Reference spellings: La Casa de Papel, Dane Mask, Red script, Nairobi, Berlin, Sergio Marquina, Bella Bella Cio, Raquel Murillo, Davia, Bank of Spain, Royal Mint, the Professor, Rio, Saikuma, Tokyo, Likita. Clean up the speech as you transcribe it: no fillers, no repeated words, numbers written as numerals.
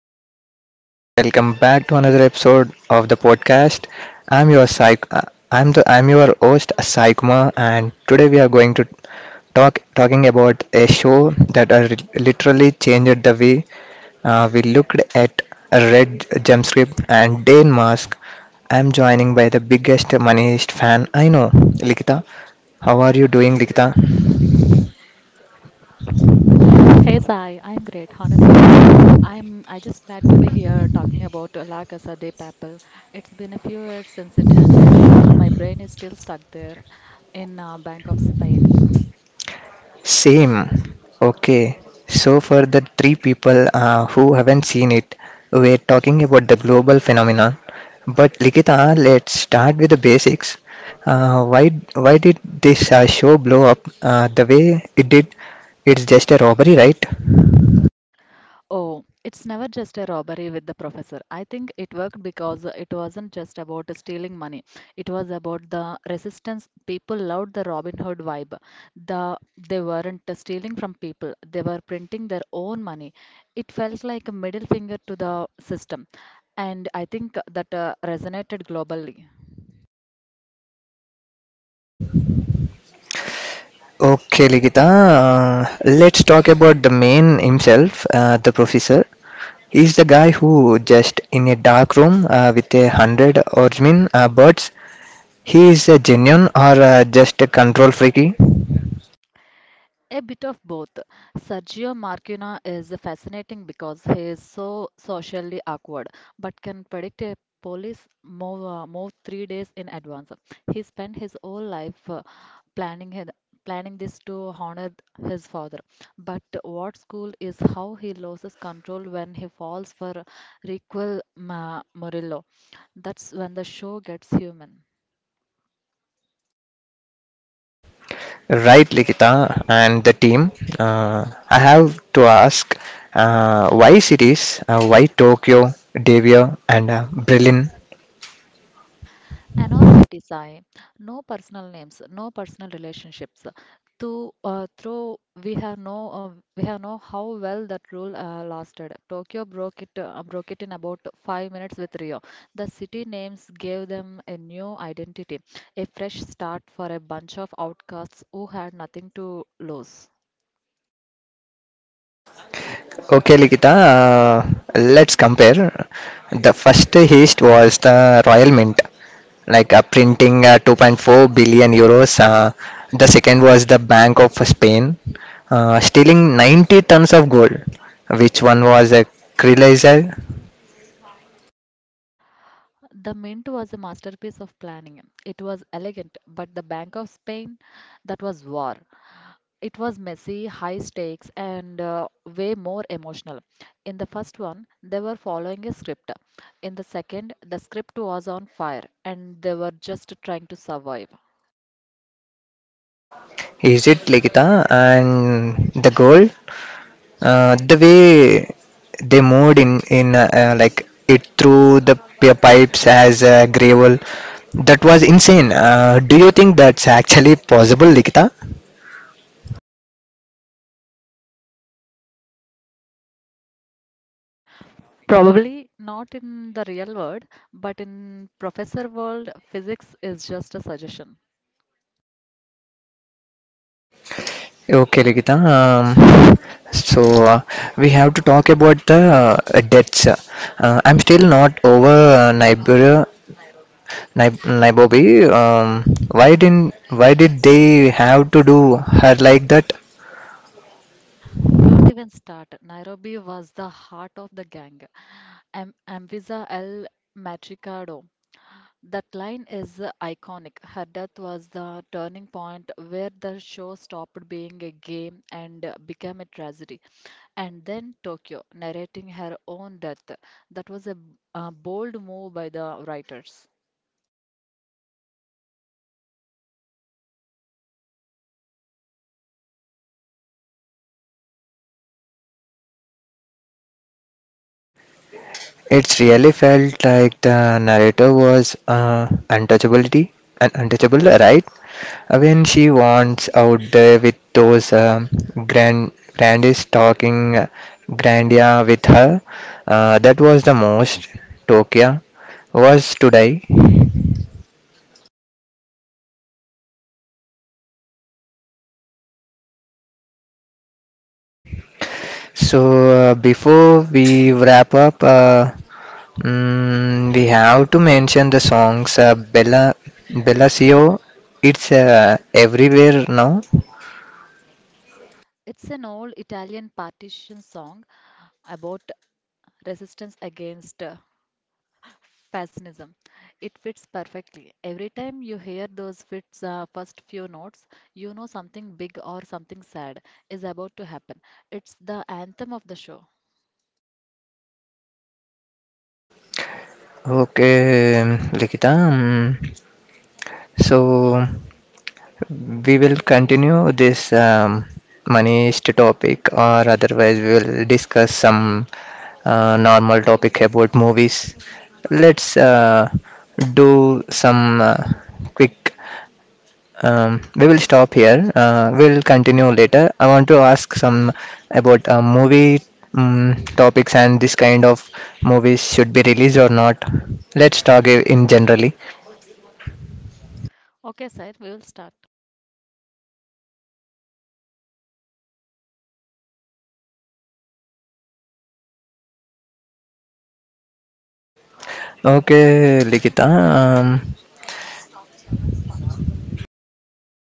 everyone? Welcome back to another episode of the podcast. I'm your psych. I'm your host Saikuma, and today we are going to talk talking about a show that are literally changed the way we looked at a Red script and Dane Mask. I'm joining by the biggest moneyist fan I know, Likita. How are you doing, Likita? Hey Sai, I'm great. Honestly, I just glad to be here talking about La Casa de Papel. It's been a few years since it ended, but my brain is still stuck there in Bank of Spain. Same. Okay. So, for the three people who haven't seen it, we're talking about the global phenomenon. But Likita, let's start with the basics. Why did this show blow up the way it did? It's just a robbery, right? Oh, it's never just a robbery with the professor. I think it worked because it wasn't just about stealing money. It was about the resistance. People loved the Robin Hood vibe. The they weren't stealing from people. They were printing their own money. It felt like a middle finger to the system. And I think that resonated globally. Okay, Ligita, let's talk about the man himself, the professor. He's the guy who just in a dark room with a hundred or birds. He is a genuine or just a control freaky? A bit of both. Sergio Marquina is fascinating because he is so socially awkward, but can predict a police move 3 days in advance. He spent his whole life planning his, planning this to honor his father. But what's cool is how he loses control when he falls for Murillo. That's when the show gets human. Right, Likita and the team. I have to ask why cities? Why Tokyo, Davia, and Berlin? Anonymity, Sai. No personal names, no personal relationships. To through we have no We have know how well that rule lasted. Tokyo broke it in about 5 minutes with Rio. The city names gave them a new identity, a fresh start for a bunch of outcasts who had nothing to lose. Okay, Likita, let's compare. The first heist was the Royal Mint, like printing 2.4 billion euros. The second was the Bank of Spain, stealing 90 tons of gold. Which one was a Krilizer? The mint was a masterpiece of planning. It was elegant, but the Bank of Spain, that was war. It was messy, high stakes, and way more emotional. In the first one, they were following a script. In the second, the script was on fire and they were just trying to survive. Is it Likita and the girl? The way they moved in like it through the pipes as gravel, that was insane. Do you think that's actually possible, Likita? Probably not in the real world, but in professor world, physics is just a suggestion. Okay, Likita. So uh, we have to talk about the deaths. I'm still not over Nairobi. Why didn't why did they have to do her like that? Don't even start. Nairobi was the heart of the gang. Am Amvisa El Matricardo. That line is iconic. Her death was the turning point where the show stopped being a game and became a tragedy. And then Tokyo, narrating her own death. That was a bold move by the writers. It's really felt like the narrator was untouchability, untouchable, right? When she wants out there with those grand grandest talking grandia with her, that was the most Tokyo was today. So before we wrap up, we have to mention the songs Bella Cio. It's everywhere now. It's an old Italian partition song about resistance against Fascism. It fits perfectly. Every time you hear those first few notes, you know something big or something sad is about to happen. It's the anthem of the show. Okay, Likita. So we will continue this Manish topic, or otherwise we will discuss some normal topic about movies. Let's do some quick we will stop here. We'll continue later. I want to ask some about movie topics and this kind of movies should be released or not. Let's talk in generally. Okay, sir, we will start. Okay, Likita. Um,